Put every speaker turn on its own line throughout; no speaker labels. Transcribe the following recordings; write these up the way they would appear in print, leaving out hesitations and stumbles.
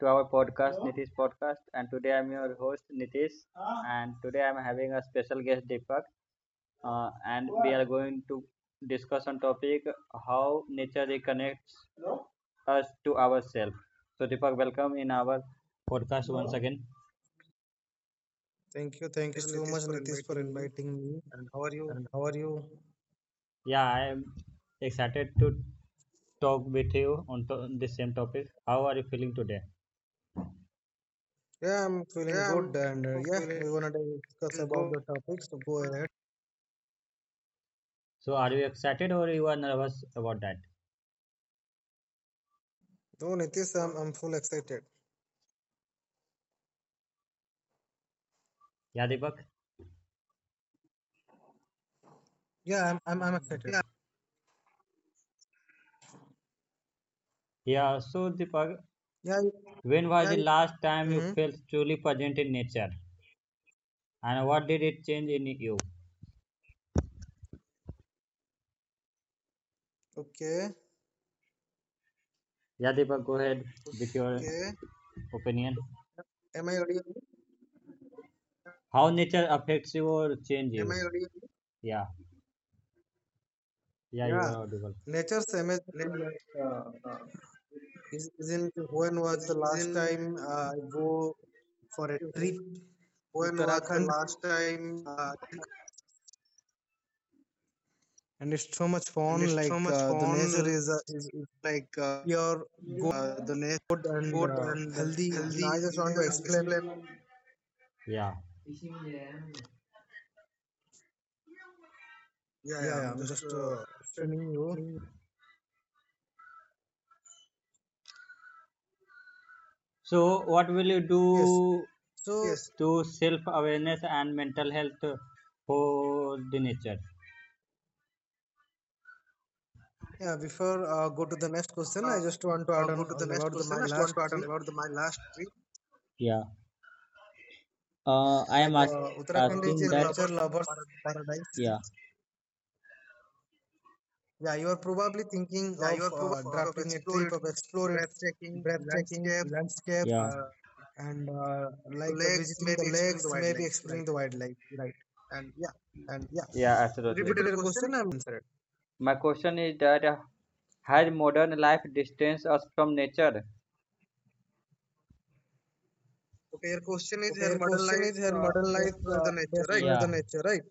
to our podcast, Hello. Nitish Podcast. And today I'm your host, Nitish. And today I'm having a special guest, Deepak. And we are going to discuss on topic how nature reconnects us to ourselves. So Deepak, welcome in our podcast once again.
Thank you
Thanks,
so much,
Nitish, for
Nitish, for
inviting me.
inviting me.
And how are you?
And how are you?
Yeah, I'm excited to talk with you on this same topic. How are you feeling today?
Yeah, I'm feeling
Yeah,
good,
I'm
and yeah,
feeling
we're gonna discuss about
good.
the topic. So go ahead.
So are you excited or you are nervous about that?
Oh, Nitish, I'm full excited.
Yeah, Deepak?
Yeah, I'm excited.
Yeah. Yeah, so Deepak,
Yeah.
when was the Yeah. last time you
Mm-hmm.
felt truly present in nature? And what did it change in you?
Okay.
Yeah, Deepak, go ahead with your Okay. opinion.
Am I audible?
How nature affects you or change you? Am I audible? Yeah, yeah, you
Yeah.
are audible.
Nature's amazing.
Like,
Like, is- isn't when was
Is,
the last
isn't
time I go for a trip
when was the
Uttarakhand?
last time? Uh,
And it's so much
and
fun.
it's so
Like
much
the nature
fun.
is
Like
you're
the nice
good and
food and
healthy. And I
healthy
just want to
and
explain.
Yeah. Yeah,
Yeah,
yeah,
yeah,
I'm
I'm
just
just explaining you.
spending. So, what will you
Yes.
do
So
Yes, to self awareness and mental health for the nature?
yeah, before go to the next question, I
uh,
just want to add
go
on
to the
all
next
about my
question. I just want
last
to add on
trip.
about the, my last trip, Yeah. I am
Like
like
Uttarakhand
asking
is a
with that.
nature
Lovers
lovers
paradise.
paradise.
Yeah.
Yeah, you are probably thinking
Yeah, you
of
are proof of
drafting a
explore
trip
it,
of explore its
breathtaking
breathtaking
landscapes, Yeah.
landscapes and
Legs,
visiting the
maybe explain the
lakes, maybe
wildlife, right?
exploring the wildlife, right?
And yeah,
And yeah,
Yeah, absolutely. Repeat
repeat
your
your
question.
question. I'm answer it.
My question is that has modern life distanced us from nature? Okay, your question is
Okay,
here
your
modern
question is
life
her modern life
destroy the nature, right?
destroy the
Yeah.
nature, right?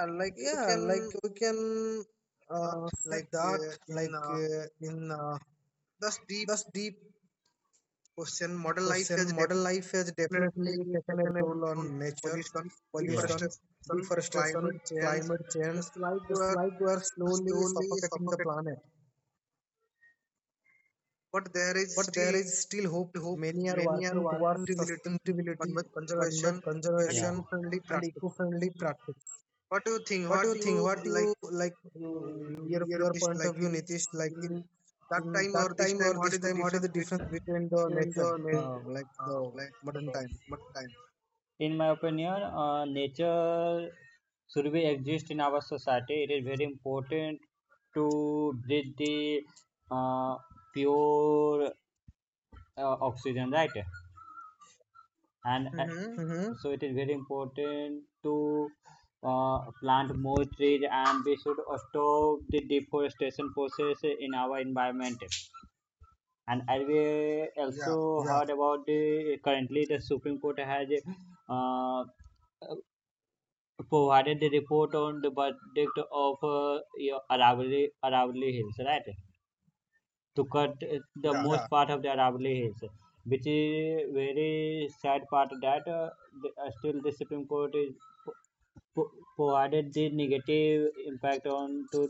Like you
Yeah,
can
like we can
uh,
say
like
that,
in
like in
this deep
this deep
question, modern life
question,
has
modern life has definitely
definitely
taken
taken
a
a
role
role on
on nature,
pollution, Yeah.
pollution,
deforestation, yeah. climate
deforestation,
change.
climate change.
It's like we
It's
are
like we are slowly
slowly
suffocating the
suffocating
planet,
But there is
but there
still
is still hope.
hope.
Many are
Many are
working towards
working civility, but
sustainability,
with conservation and Yeah.
conservation,
eco-friendly
and
practice.
eco-friendly practice.
What do you think?
What
What
do you
do you
think? What do you
like?
like
You
you-
you-
your
your
your
fish
point of
like
view,
in
Nitish? Like
in
in
that
in
time or
that
this
time or
time? What
this
is the
time, what is
difference
the difference between the
between the
nature,
nature,
the
like
modern
the
time?
mud time? In my opinion, nature should be exist in our society. It is very important to breathe the uh, pure oxygen right and Mm-hmm.
Mm-hmm.
so it is very important to plant more trees and we should stop the deforestation process in our environment and as we Yeah. also
Yeah.
heard about the currently the supreme court has uh, provided the report on the verdict of your Aravalli Hills, right? to cut the yeah
Yeah.
most part of the hourly hills, which is very sad part that still the Supreme Court is p- p- provided the negative impact on to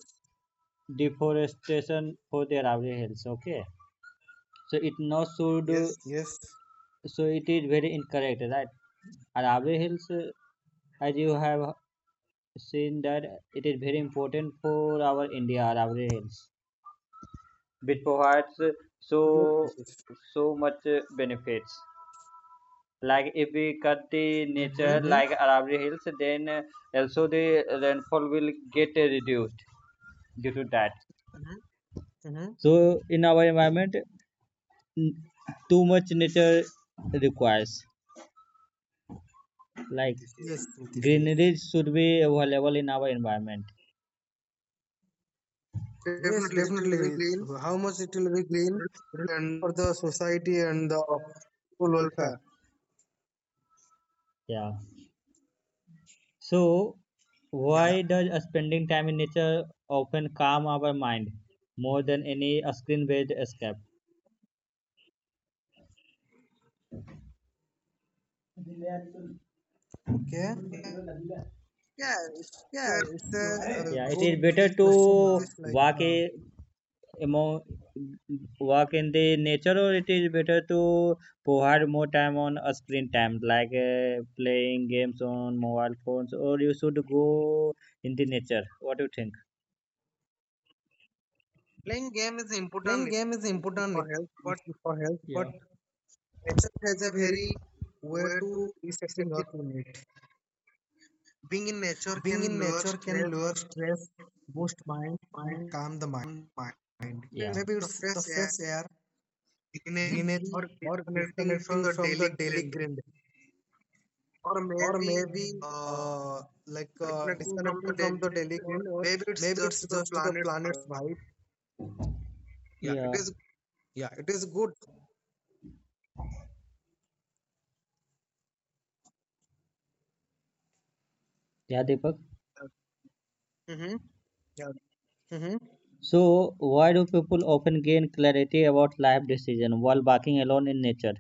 deforestation for the hourly hills. Okay, so it not should yes
Yes.
so it is very incorrect, right? Arabi Hills, as you have seen that it is very important for our India, Arabi Hills, which provides
Yes,
so
Nitish.
so much benefits. Like if we cut the nature Mm-hmm.
Mm-hmm.
like Aravalli Hills, then also the rainfall will get reduced due to that. Mm-hmm.
Mm-hmm.
So in our environment, n- too much nature requires like Yes, yes.
Yes, Nitish. Yes.
greenery should be available in our environment.
Yes,
Definitely, it will be
definitely.
green
How much it will be green it will be
and
for the society and the
of
people
full
welfare.
welfare. Yeah. So,
Yeah.
why does spending time in nature often calm our mind more than any screen-based escape? Yeah,
Okay.
it's
Yeah,
a
it's a,
good
a
Yeah, it
good
is question. Better Like, to
question.
uh,
It is like
walk a, among, walk in the nature, or it is better to provide more time on a screen time, like playing games on mobile phones, or you should go in the nature. What do you think? Playing game is important
playing game is important,
for
it-
health, but
it's for health, but
Yeah.
nature
Nature has
has a
a
very
very
way
way
to
to
resetting
set
us
it.
in it.
Being in nature
Being
can
in
lower
nature can
stress,
lower stress, boost mind, and
mind,
calm the
and mind.
mind.
Yeah.
Maybe
the
it's the
fresh air,
fresh air,
beginning or
greenery, or
disconnecting from
disconnecting
the
from the
daily
daily
grind,
grind,
or
or
maybe
maybe
uh,
uh,
disconnecting from the
disconnecting from
daily
the
grind,
daily
or
grind, or
maybe it's
maybe
just
it's
the
just the
planet's power.
planet's vibe.
Yeah, it Yeah. is.
Yeah, it is good.
Yeah, Deepak. Uh, mhm.
Yeah. Mm-hmm.
So, why do people often gain clarity about life decision while walking alone in nature?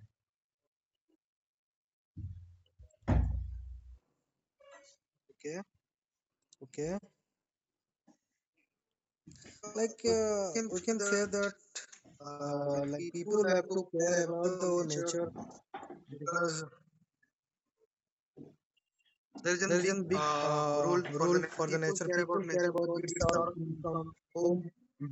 Okay.
Okay.
Uh,
Like
we can
we
see
can
that
say that
like
like
people
people
have
have
to
to
care
care
about the
about the
nature
nature,
because
because
there is a
there is
big
a big
role for the
rule for the
people
nature
care
people
about
care,
nature
because
because
it's
it's
our
our
income
income home
home.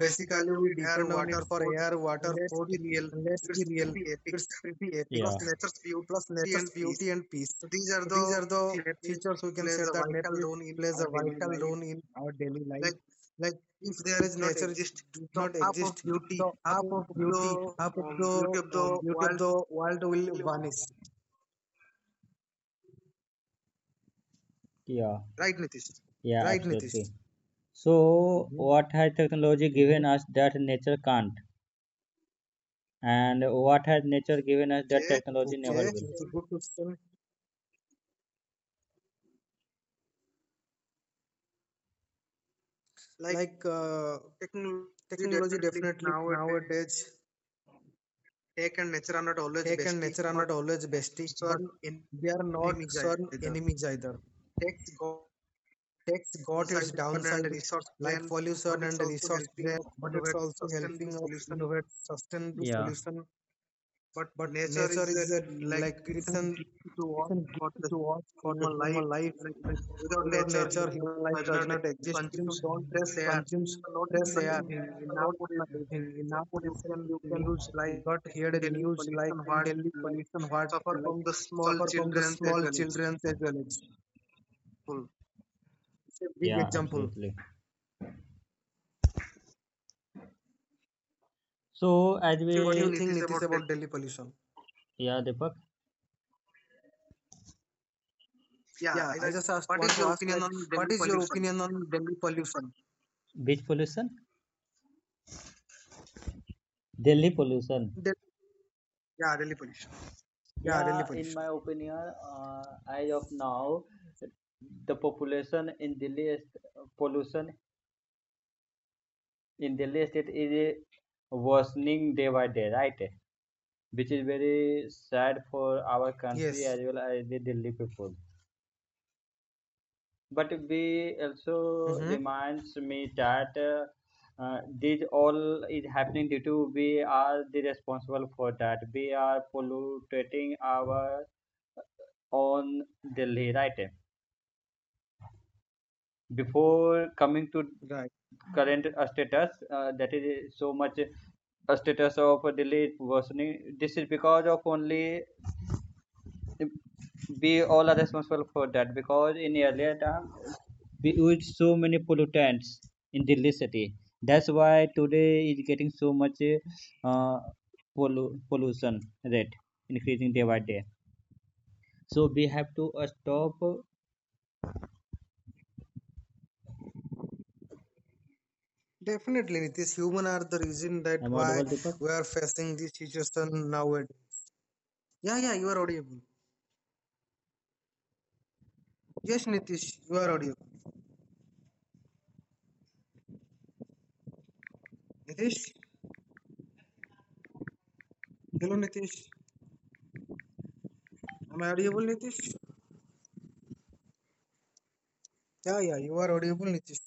Basically
basically
we
we have
depend on it
water
for
food
air, water,
let's
food,
be real
and let's be
it's
real,
pretty epic
it's pretty epic
because Yeah. nature's
plus
beauty
nature's
and peace
beauty and peace.
so these are
So
the
these are the
things that
features, we can say
plays a
that
vital role in
plays
our
a
daily
vital
life
role in our daily life.
like
Like
if
if
they
there
did
is
not
nature it
exist
does
the
not
half of
exist,
beauty
the
half
half of
of the
beauty, half of the
beauty of the
beauty of
world
the world will vanish.
Yeah. right Nitish. Yeah,
Right,
absolutely.
Nitish?
So, Hmm. what has technology
Mm-hmm.
given us that nature can't? And what has nature given us that Yes, technology good never will?
Okay, it's a
Question.
good question.
Like
Like
technology
technology
definitely
definitely
nowadays
nowadays,
tech and nature are not always
tech and
bestie,
nature are
but
not always bestie, but
certain are
they are not
enemies
sworn
either.
enemies either.
Tech's go
Tech's got its
inside fun and
downside,
resource
like
then, but
pollution and
it's also
resource
helping
drain,
us
but it's
innovate
also
sustainable
helping us
solution
innovate sustainable
Yeah.
solution.
But
But
nature
nature
is
is
a, like
like
it's a
it's an
gift to
it's
us
a
for
gift
the
to us for the
human
human
life.
life.
Like
Like
without
without
nature,
nature, human
human
life
does
does
not
not exist. If you
consumes
don't
fresh air.
consume
Not
fresh air,
even in
you're not
nowadays,
gonna living. In our
you
recent,
can
you can
news like
got here
in
the
Delhi
news like
pollution,
in
what
Delhi
like
pollution, what
suffer
like
from the small
suffer from the
children as
small
well as
children as well. It's
full.
it's a big
Yeah,
example.
absolutely. So as What do you
What do you
think we, it
think,
is
Nitish,
about Delhi?
about Delhi pollution?
Yeah, Deepak, Yeah,
Yeah,
I
I
said,
just
what
want
is
to
your
ask,
opinion
like,
on
what
Delhi
is your
pollution?
opinion on Delhi pollution?
Which pollution? Delhi pollution.
Del-
Yeah, Delhi Police.
yeah, Delhi
Yeah, in
pollution.
my opinion, as of now, the population in Delhi is pollution in Delhi state is worsening day by day, right? Which is very sad for our country
Yes.
as well as the Delhi people. But we also
Mm-hmm.
reminds me that this all is happening due to we are the responsible for that. We are polluting our own Delhi, right? before coming to
Right.
current status that is so much a status of a delay worsening this is because of only um, we all are responsible for that because in earlier time we used so many pollutants in Delhi city that's why today is getting so much uh, pollution rate increasing day by day so we have to stop
Definitely, Nitish, human are the reason that
am I
why
audible Deepak
we are facing this situation nowadays. Yeah, yeah, you are audible. Yes, Nitish, you are audible. Nitish? Hello, Nitish. Am I audible, Nitish? Yeah, yeah, you are audible, Nitish.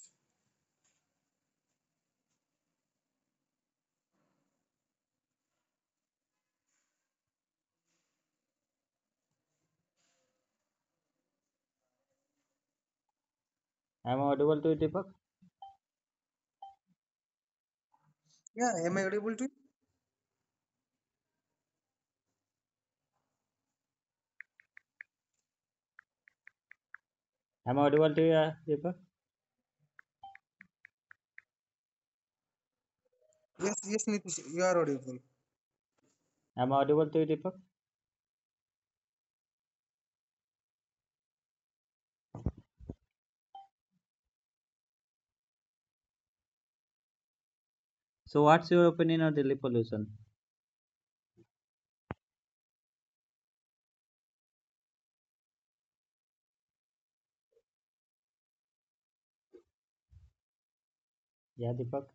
am I audible to you, Deepak
Yeah, am I audible to you?
am I audible to you, Deepak
Yes, yes, Nitish, you are audible.
I'm audible to you, Deepak. So, what's your opinion on Delhi pollution? Yeah, Deepak.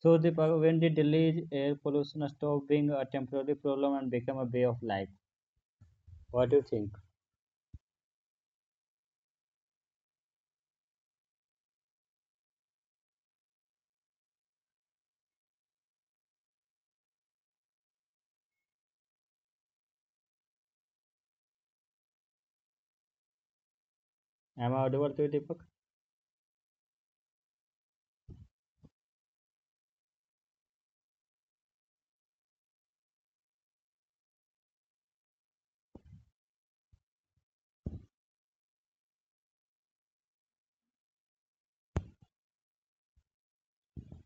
So, Deepak, when did Delhi air pollution stop being a temporary problem and become a way of life? What do you think? Am I audible to you, Deepak?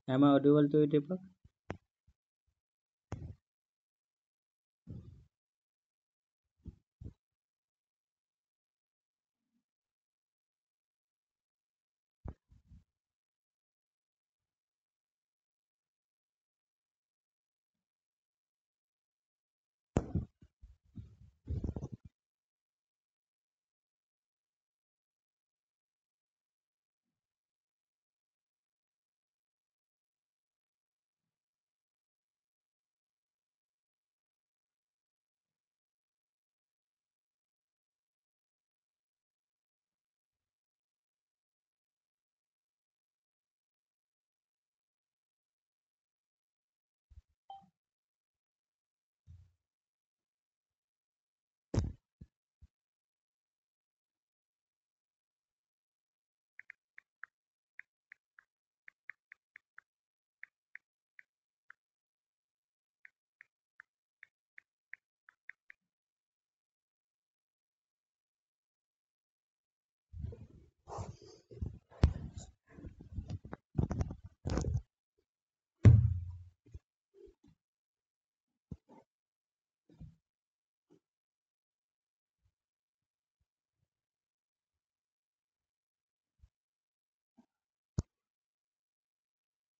Am I audible to you, Deepak?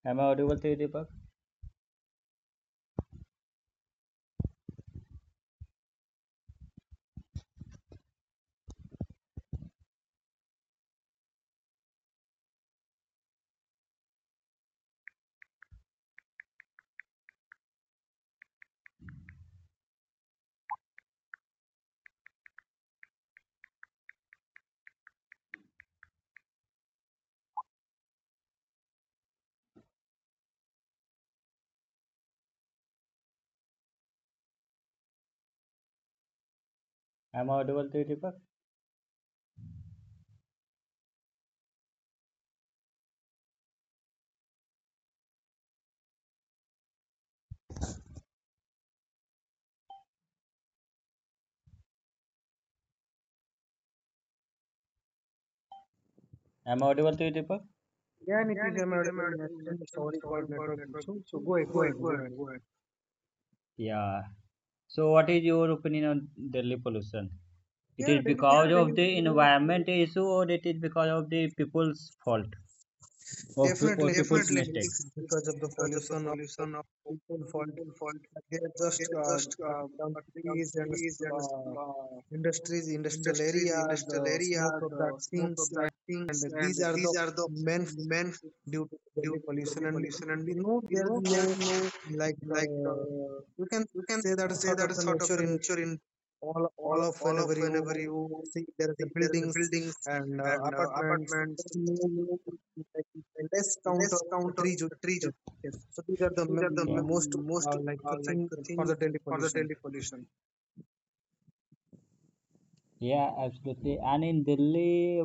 Am I audible to you, Deepak? Am I audible to you, Deepak? Am I audible to you, Deepak?
Yeah, Nitish, I'm audible. And I Sorry for network issue. So
So
go ahead, go
go ahead,
ahead,
go
go
ahead,
ahead.
go ahead. Yeah. So, what is your opinion on Delhi pollution? It is
Yeah,
Yeah,
Delhi
because of
pollution
the environment issue, or it is because of the people's fault,
is
or or
definitely,
people's
Nitish,
definitely mistake?
is
It's
because of the pollution of
son of
people fault.
Wolfhold
They are just
uh,
cutting down
but some
trees and
and
uh,
uh,
industries, industrial area, the
industrial area,
smoke of
the
that
smoke of
things,
that things,
and
and
these are
these
the
are the
main f-
main
due to
due
Delhi
to
pollution.
the
And
pollution. And
you know,
you
there
know,
is no
there is no
like
like
you can
you can
say that
say
sort
that
of the
sort of
nature
the
in
nature in
all all of
all of
whenever you
you
see there is a buildings
buildings,
and apartments,
apartments,
there is no like, less count
less
of
counter
tree there. So these are the most the thing for
thing
the Delhi
of the
pollution.
Delhi pollution. Yeah, absolutely. And in Delhi,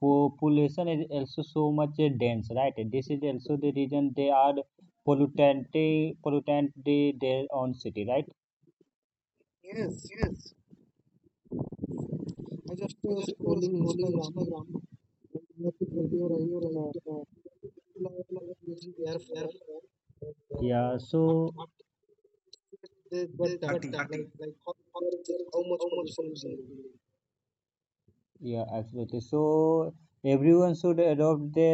population is also so much dense right this is also the reason they are pollutant their own city right
Yes,
Yes.
I just scrolling Instagram and met a video right. Uh, people are using air fryer and
yeah
after
so
that they got done party. Like how there is how much pollution is doing.
yeah absolutely so everyone should adopt the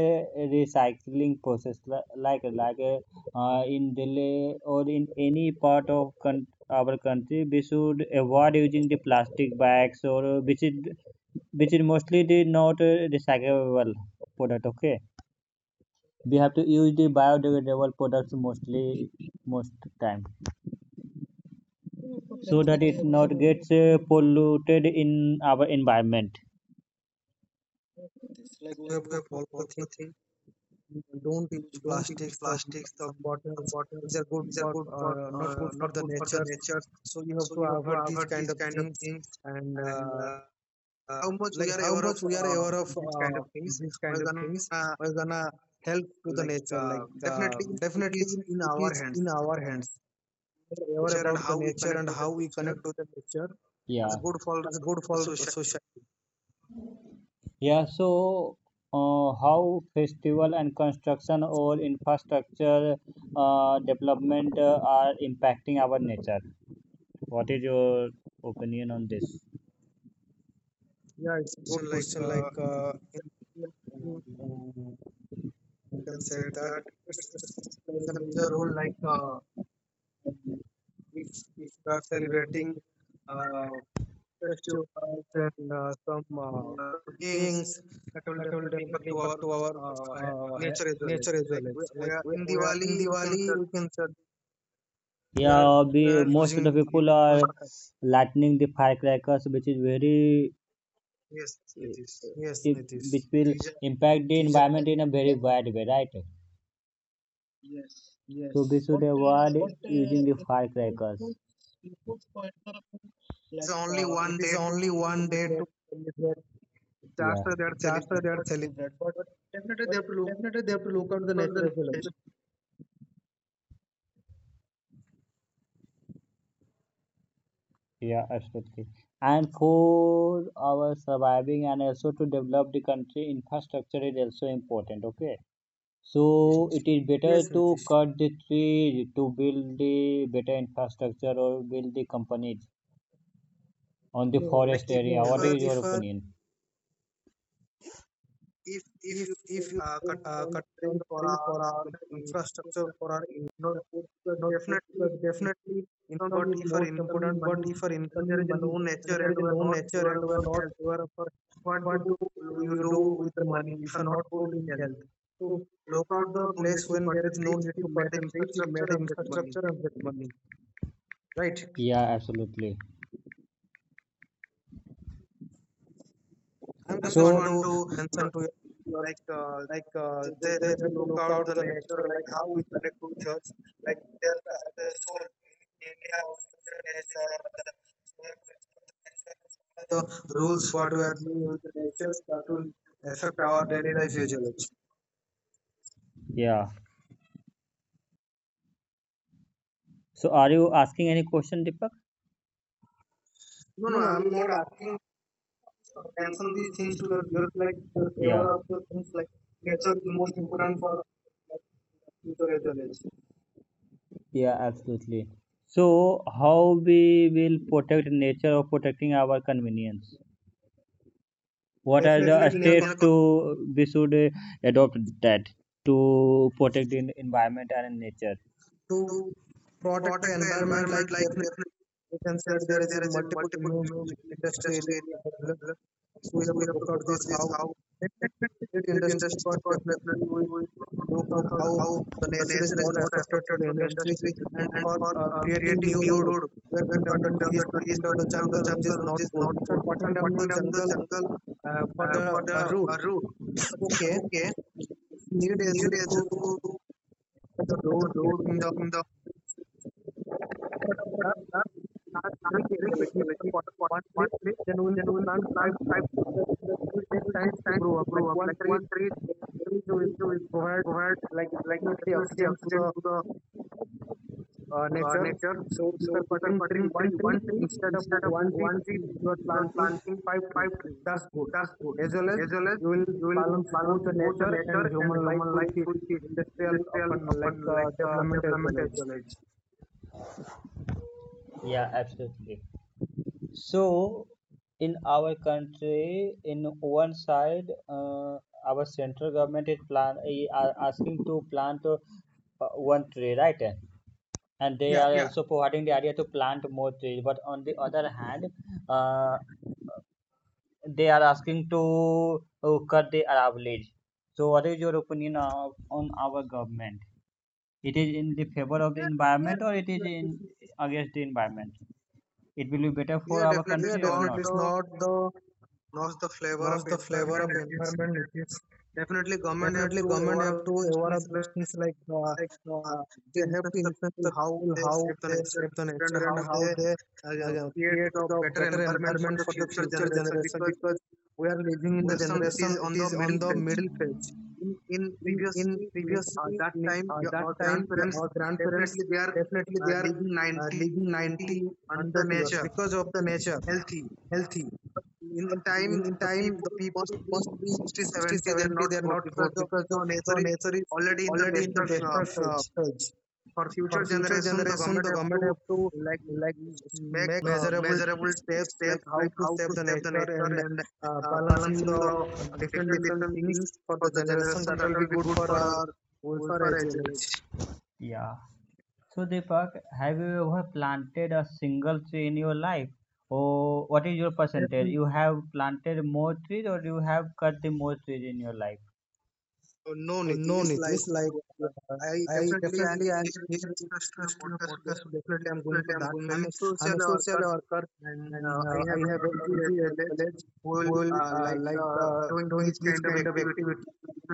recycling process like in Delhi or in any part of our country we should avoid using the plastic bags or which is mostly the not recyclable product okay we have to use the biodegradable products mostly most time
So for
so
nature
that
we
it
have
not
to
gets
use
polluted in our environment
this like we have
like
to follow the thing. Don't use
you don't think
plastics, some
of
bottles, these
bottles
are good
these are
for
good for
not good for
not
the
good for the
nature,
nature
so you have
so
to
you have to
avoid these
avoid
kind
these
of
kind of
things,
things
and
and how much we
like
are
how
aware of
much we are aware of
these kind of things
these kind
we're
of
gonna
things we're gonna help to the nature. Like uh,
definitely it
definitely
is in
it
our
is
hands
in our hands. We are aware about the nature, and how we connect to the nature
yeah it's good for
that's good for society.
Yeah, so how festival and construction or infrastructure development are impacting our nature? What is your opinion on this?
Yeah, it's a
So
good
like
question. Like
you
you can
can
say
say
that
that
it's, it's
it's,
plays a
there's a
major
major
role.
role like
Like if
if
if you are
that's
celebrating
uh,
uh,
festive
festivals
uh,
and some
things
things,
that will
that will
definitely impact
definitely
to
impact
our
to our
uh, nature as well.
nature
It's
as
like
well. It's
we
like
are
we,
in
we are in
Diwali, we can
Diwali,
say
you can say we are
Yeah, be, where most of the
using
people are
patakas.
lightning the firecrackers, which is very, yes it eh, is.
Yes,
It,
Nitish,
which will Reason- impact the
these are.
environment in a
Yeah.
very bad way, right? So we
Yes,
should
but
avoid using the
it, it
firecrackers.
puts it puts point of view.
It's
Like
only
it
one
is
day to
only one day
celebrate.
to celebrate,
Yeah, After they are
that's why
celebrating,
they are selling that. But,
definitely
but
they have to look.
definitely they have to look out the nature, natural selection.
Yeah, absolutely. And for our surviving and also to develop the country infrastructure is also important. Okay. So it is better
Yes,
to
Nitish.
cut the tree to build the better infrastructure or build the companies on forest if
No,
area. What is
like
your
if uh,
opinion? If
if
you
if you
cut down the
cut down
tree
the
for
tree
our
for our infrastructure for our input,
not food, but
not good, because
definitely
definitely
some
income
what
is the
is
most
coming
important. But
money,
if our
and
income
there
is
is
money
no
and
nature
there is
and we are
no
not
nature,
aware
and
of
we are
our
not
health.
aware of our
What do
what do
you
you
do
do
with
with
the
the
money
money
if
if
you
you
are
are
not
not
good
good
in
in
health?
health?
So
So
look
look out
out
the place when there is no need
the
to cut the
medicine.
trees, it made infrastructure and get money, right?
Yeah, absolutely.
I'm
I just
just
So
want to
want to uh,
mention to your,
like uh,
like
they
they
have to
have to
look
look
out
out the nature, like how we connect to
church,
church,
like
like
there
their
are the
the
soul
soul. In
area
India,
of
also said is
business
our
or
mother. So we have to respect the nature and follow
the
the rules.
rules
What
what
we
we
are
are
doing
doing
with
with
the nature that will affect
affect
our
our day.
daily life usually.
Yeah. So are you asking any question, Deepak? No, no,
No, no,
I'm
I'm
not
not
asking
asking to mention
attention
these things to your viewers. Like the
to the Yeah,
favor
power
of the
of
things, like
nature.
nature is most important for like, future as
nature.
well, as
Yeah, absolutely. So how we will protect nature or protecting our convenience? What are the
definitely in
Definitely, we steps
our
are con- to we should adopt that to protect the environment and nature
to
to
protect the
protect
environment. Like definitely we can say there is a multiple image
music
industry
industry in
area.
particular?
So we
So
have
we
to
have to
look out
look at
this,
this
how
how
definitely
definitely
it
the
industry,
industry,
but
but
definitely
definitely
we
we
look
look
out
at
how
how
the
the
nature is
nature is
not
not
affected for
affected
the
for the
industry
industry
and
and
for
for
creating
creating
new
new
road.
road.
We are
We are
down the
cutting down
trees,
the trees,
cutting down the
cutting down the
jungle, which is
jungle, which
not
is
good.
not
If you
good.
are
So
cutting down the
cutting down the
jungle
jungle
for the
for the
road,
road.
okay,
Okay,
need is
need is
to
to
the
the
road,
road
creating the
creating the
plant three cases, like if you want one tree, then we
then
need to
we'll
plant five trees. Because it will take time to grow up, like one tree will provide
provide
like definitely oxygen to the nature.
next.
So if you're cutting tree, one tree, instead of one tree,
One tree,
you're
you are
planting
planting
five
five
trees.
trees,
That's good.
that's good.
As well as
As well as
you will
you will
balance
balance
both the
both the
nature and
nature and
human life
human
with
life
the industrial often like development as well
as
as.
well as. Yeah, absolutely. So, in our country, in one side, our central government is are asking to plant one tree, right? And they
Yeah.
are Yeah, also providing the idea to plant more trees. But on the other hand, uh, they are asking to cut the average. So, what is your opinion of, on our government? It is in the favor of the
Yeah,
environment or it is in against the environment? It will be better for Yeah, our definitely.
yeah,
It's country or not not?
definitely. It's
The
not the
not the flavor of
knows the flavor
environment.
of
It is
environment, it is
definitely government have
definitely
to
government have
ever
to
use
aware
things
of these
like
things. Like
like, uh,
uh, they
things
have
that
to
the
influence
people
the
how
people
they
how
save the
they
nature
save the
and
nature
how
and how
they
they
create
create
the
the
better
better
environment for
environment
the
for the
future
future
generation.
generation,
Because
because we are living in the
Western, it is
generation,
on
it
the
is
middle
on the
page.
middle phase.
In
In in
previously, in,
previously
that time, your,
that
our
time,
grandparents,
our grandparents
they are
definitely they are
in 90,
living 90
the
100 years
nature.
because of the nature
In,
healthy.
in time,
In time the people must be 60,
70, they are
70.
not
They are
good
not
because
good
of
because the
the
the
nature is
nature is
already in the
already in the
destruction
desperate
page.
stage.
For
For
future
future
generation the
generation
government
the
have to
government have to
like
like
make
make measurable
measurable
steps,
steps
like how
like
to
how to
save the
save the
nature
nature
and
and
balancing
balancing
the
the
different
different
different
different
things
things
for
for
the
the
generation,
generation
that
that
will be
will be
good
good
for
for
our
our
welfare
welfare
as
as well
well.
as. Yeah. So Deepak, have you ever planted a single tree in your life? Or what is your percentage? You have planted more trees or you have cut the more trees in your life? No
Oh, no,
nitish
Nitish. Like, yeah,
I
I
definitely
definitely am here in
in a
discuss to your
podcast
podcast. So definitely, I'm going to that
I'm
field.
a
I'm
social
a social worker
and
and
I
I
have
have
a
a MC at college
whole
who will,
uh, uh,
doing these
kind of
kind of activities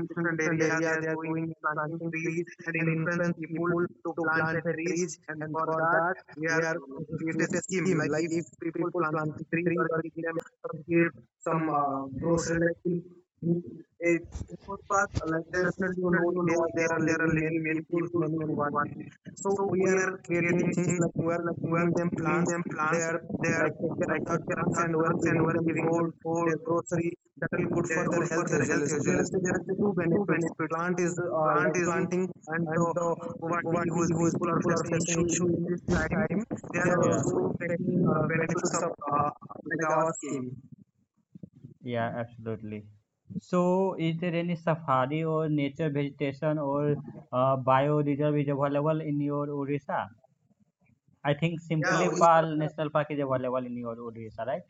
in different,
different
different
area. They
area.
are
They are going and
planting
planting
trees
trees
and
and
influence
influence
people
people
to
to
plant the
plant the
trees.
trees.
And
And
for
for
that,
that,
we
we
are
are
create a
create a
scheme.
scheme.
Like
Like
if
if
people
people
plant
plant a
trees
tree
or
or
give
give
them
some
some
gift,
gift,
some
some
grocery
grocery
like
like
in
a
a footpath.
footpath, like
Like
there is
definitely you know
definitely you
India,
know India,
there are
there are
living many
living
people, many poor.
towards.
So
So
we
we
are
are
creating
creating,
things like we are
we are
giving them
giving
plants,
them
they
plants.
are
They are
like take care of their plants and we are giving them
giving
food,
them
their
food.
grocery that will good for their health usually. So there are two benefits. Plant is
Plant
like
is
planting and
the
the
poverty who
poverty
is
whose people are facing issue
issue
in this
time,
time,
they
they are
are Yeah, also
also taking
uh,
benefits of
uh, like
like
our
our scheme.
yeah, absolutely. So, is there any safari or nature vegetation or bioreserve is available in your Odisha? I think yeah
Yeah,
Simply Odisha.
Odisha.
Pal National Park is available in your Odisha, right?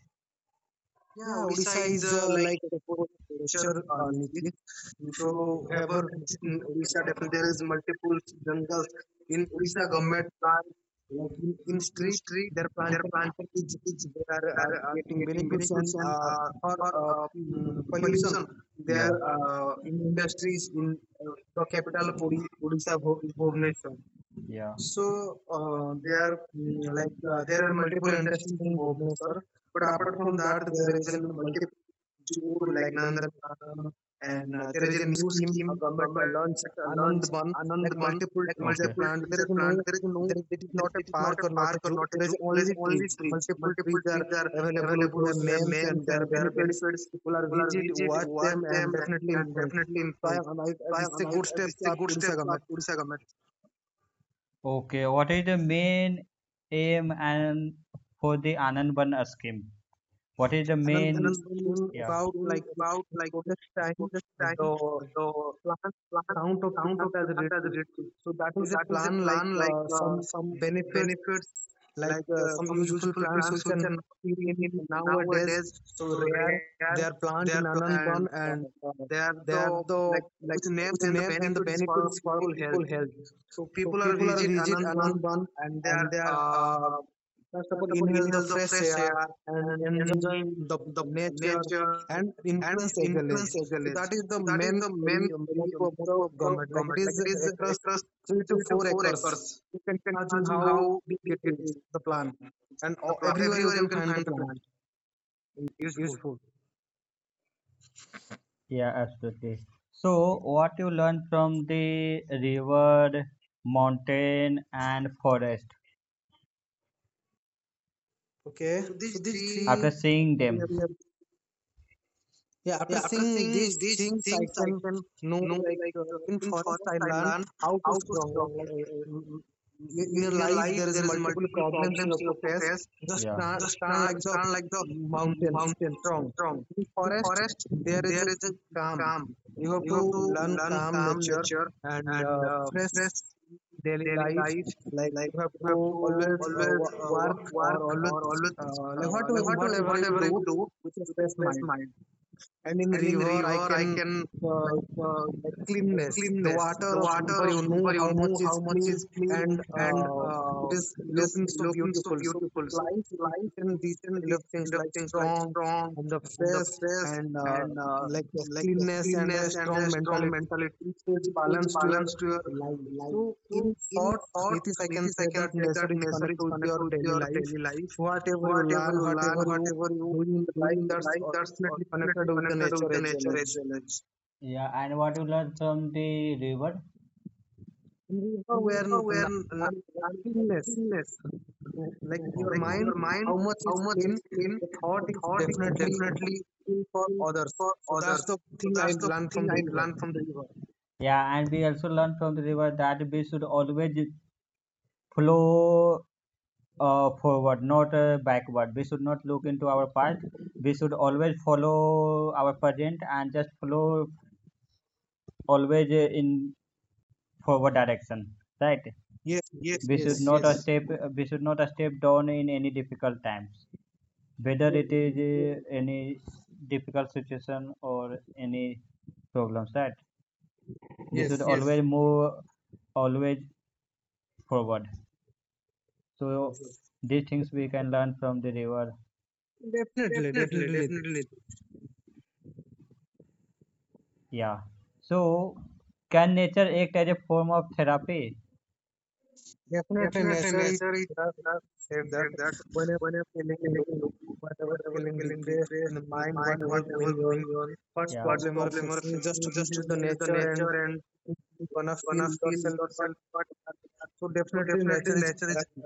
Yeah,
Yeah,
Odisha
Odisha
is
is
like
like
a
a
good
full
nature
culture,
native.
Nikit.
If
If
you
you
ever
ever
visit
visit in
in Odisha,
Odisha, definitely
definitely
there
there
is
is much
multiple
jungles
jungles.
in
In
Odisha
Odisha,
government
government plant,
plant
like
like
in street, they're planting
planting
trees. They are creating benefits and
uh, for
pollution.
pollution.
They
They
are in
industry
industries in the capital
capital
of Odisha, Bhubaneswar.
Bhubaneswar. Yeah. So
So
there are
there, mm, like
there
there
are
are
multiple
multiple
industries
industries
in
in
Bhubaneswar,
Bhubaneswar,
but
but
apart
apart
from
from
that,
that, there
there is
is
a
a
multiple
multiple
like
like
Nandan
Nandan Kandan,
and
and
there
there
is
is
a
a
new
scheme a
scheme a
government
government
launched Anand
launched
Van, like
Anandban,
multiple
like Okay,
trees are
multiple
planted.
trees are planted. There is no
There is, it is not
there,
a
it is not
park
a
or not a
park or
zoo.
not a
There is
zoo. There is
only
only
trees.
trees.
Multiple
Multiple
trees are
trees are
available with
available.
their names and their benefits. People are
People are
visit, watch them, and
them
definitely influence.
and
So
influenced. So I
this is a
am I, am
good step of Odisha government.
Odisha government. Okay, what is the main aim and for the Anand Ban scheme? What is the
Anand
main?
was
Anand Bhavan's
saying
Yeah,
about
scheme
like in
about like the
protest time,
shortest
the
time the
plan
plant
count of
count
plant
of
as a
plants as
resource.
reduced.
So that
So
is a
that is a
plan like
plan like
some
some
benefits
benefits
like
like
some
some
useful
useful
plants
plants
which are
which
not
are not
seen
seen
in
in
nowadays.
nowadays.
So
So
rare
rare
they are plant
they
in
are pl-
Ananban
and
and
they are
they
the
are the
like
like
with name
with
and the
name and the
benefits for
benefits for
people health.
people health.
So
So
people are
people are
visit
visit
Anandban
Ananban
and they
and
are
they are first of
first
all
of all
inhale the
inhale the
fresh
fresh
air
air
and
and
enjoy
enjoy
the
the
nature
nature
and
and
influence agile
influence
age.
the
So
village.
that is the
Men
motto of the government. Like it is across three to
three to
four
four
acres.
acres.
You can
You can
imagine
imagine
how
how
big
big
it
it
is
is.
the plant, and
The plant
everywhere you
everywhere you
can
can
find the
find the
plant
plant useful.
useful.
Yeah, absolutely. So, what you learn from the river, mountain, and forest
Okay, so these
Three after
three.
seeing yeah, them? Yes,
Yeah, after seeing these things, I
things I
can
can
know
know.
like
Like
in
in
forest,
forest,
I
I
learn
learn
how to
how to
strong. Like
strong. Like
in
in
your
in your
life, there
life,
is
there is
multiple
multiple
problems you have to face.
phase.
Just
Yeah,
stand,
the stand,
like the
stand like the
mountains,
mountains.
strong. In
In
forest,
forest,
there is
there
a
is a
calm.
calm.
You have
You
to
have to
learn
learn
calm
calm
nature
nature
and
and
fresh
fresh
daily
daily
life.
life.
Like
Like
you have
you
to
have to
always
always
work or
work
always
or always
like
like whatever
whatever you
whatever
do
you do
with a
with a
fresh
fresh
mind,
mind,
and in
and in
river I
river
can
I can
uh,
like uh,
like
like
cleanness the
cleanness
water
the
of
water
river,
of
you know
river, you
how
know
much
how
is
much
clean
is clean
and
and
it is
it is
looking so
looking so
beautiful. So
beautiful, so
life, you
life is
mentioned these
written
kind of
these
things
kind of
like
things like
strong
strong
and the
and the
face
stress
and
and
like the
like a
cleanness and a
cleanness and
strong
a strong
mentality,
mentality.
it gives
It is
balance to your
balanced to your
life. So in
to
short,
thought
Nitish, I can say that nature is connected with your daily
your
life,
daily life,
whatever you learn,
you learn
whatever
how
you
you
doing the
do
life,
in the
that's
life, that's what
definitely connected with the nature
the
as well.
nature as
As
well as. Yeah, and what you learn from the river?
in river where
Where n- none
cleanness
illness
like your mind, how much is clean,
is plain,
the
the
thought is
thought is
definitely
definitely
clean for others.
for
So that's
others.
the
So
thing I
that's the
learned
thing
from the
I
river.
learned from the river. Yeah, and we also learn from the river that we should always flow forward, not backward. We should not look into our past. We should always follow our present and just flow always in forward direction, right?
Yes,
Yes,
Nitish,
we should yes, not a yes, step. We should not a step down in any difficult times, whether it
yes
is any difficult situation or any problems, right? We should
yes
Yes, always move always forward, so Yes,
yes.
these things we can learn from the river. Definitely,
Definitely.
yeah, so can nature act as a form of therapy?
Definitely, nature is there, said that whenever feeling
Whatever
low,
feeling
whatever
whatever
feeling
feeling
depressed in
depressed
the
in the
mind,
mind,
whatever
whatever
going
going
on,
on,
first
yeah, First
problem or
problem or
facing, just
facing, just
visit the
visit the
nature and
nature and
you gonna feel yourself. What so definitely nature is a therapy.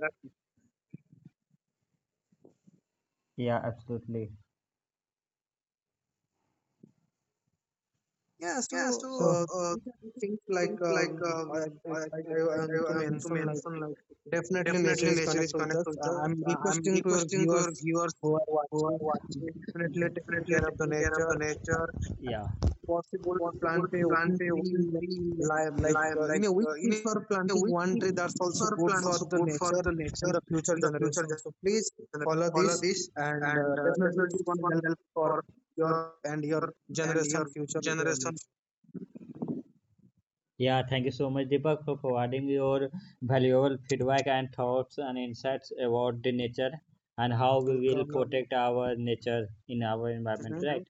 yeah absolutely
Yeah.
yeah.
So
So uh,
these are the things like
like I
I want to mention like definitely nature is connected with us. I'm requesting to your
to
viewers
your viewers
who are
are
watching
what
definitely taking
definitely
care of the
taking care of the
nature
nature. Yeah,
possible
we
to plant
would
a
plant
one
a
tree in a
only
like
live
in
like
a week if for
a
planting
week
one tree, that's also good
plant
for
of
the nature
the
and
nature
the future generation. So please follow this and
and
definitely it's
this
going to
one
help
help
for
for
your
your
and your
and
generation
your
future
generation.
knowledge.
Yeah, thank you so much, Deepak, for providing your valuable feedback and thoughts and insights about the nature and how we will
Welcome.
protect our nature in our environment,
Mhm.
right?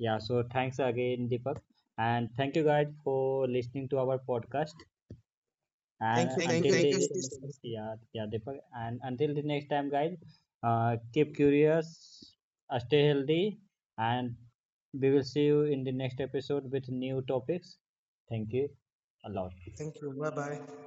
Yeah, so thanks again, Deepak. And thank you guys for listening to our podcast.
Thank
And
you,
Thank you,
thank
until
you
Thank
Nitish
you,
so much.
the yeah, yeah, Deepak. And until the next time, guys, keep curious, stay healthy, and we will see you in the next episode with new topics. Thank you a lot.
Thank you, bye bye.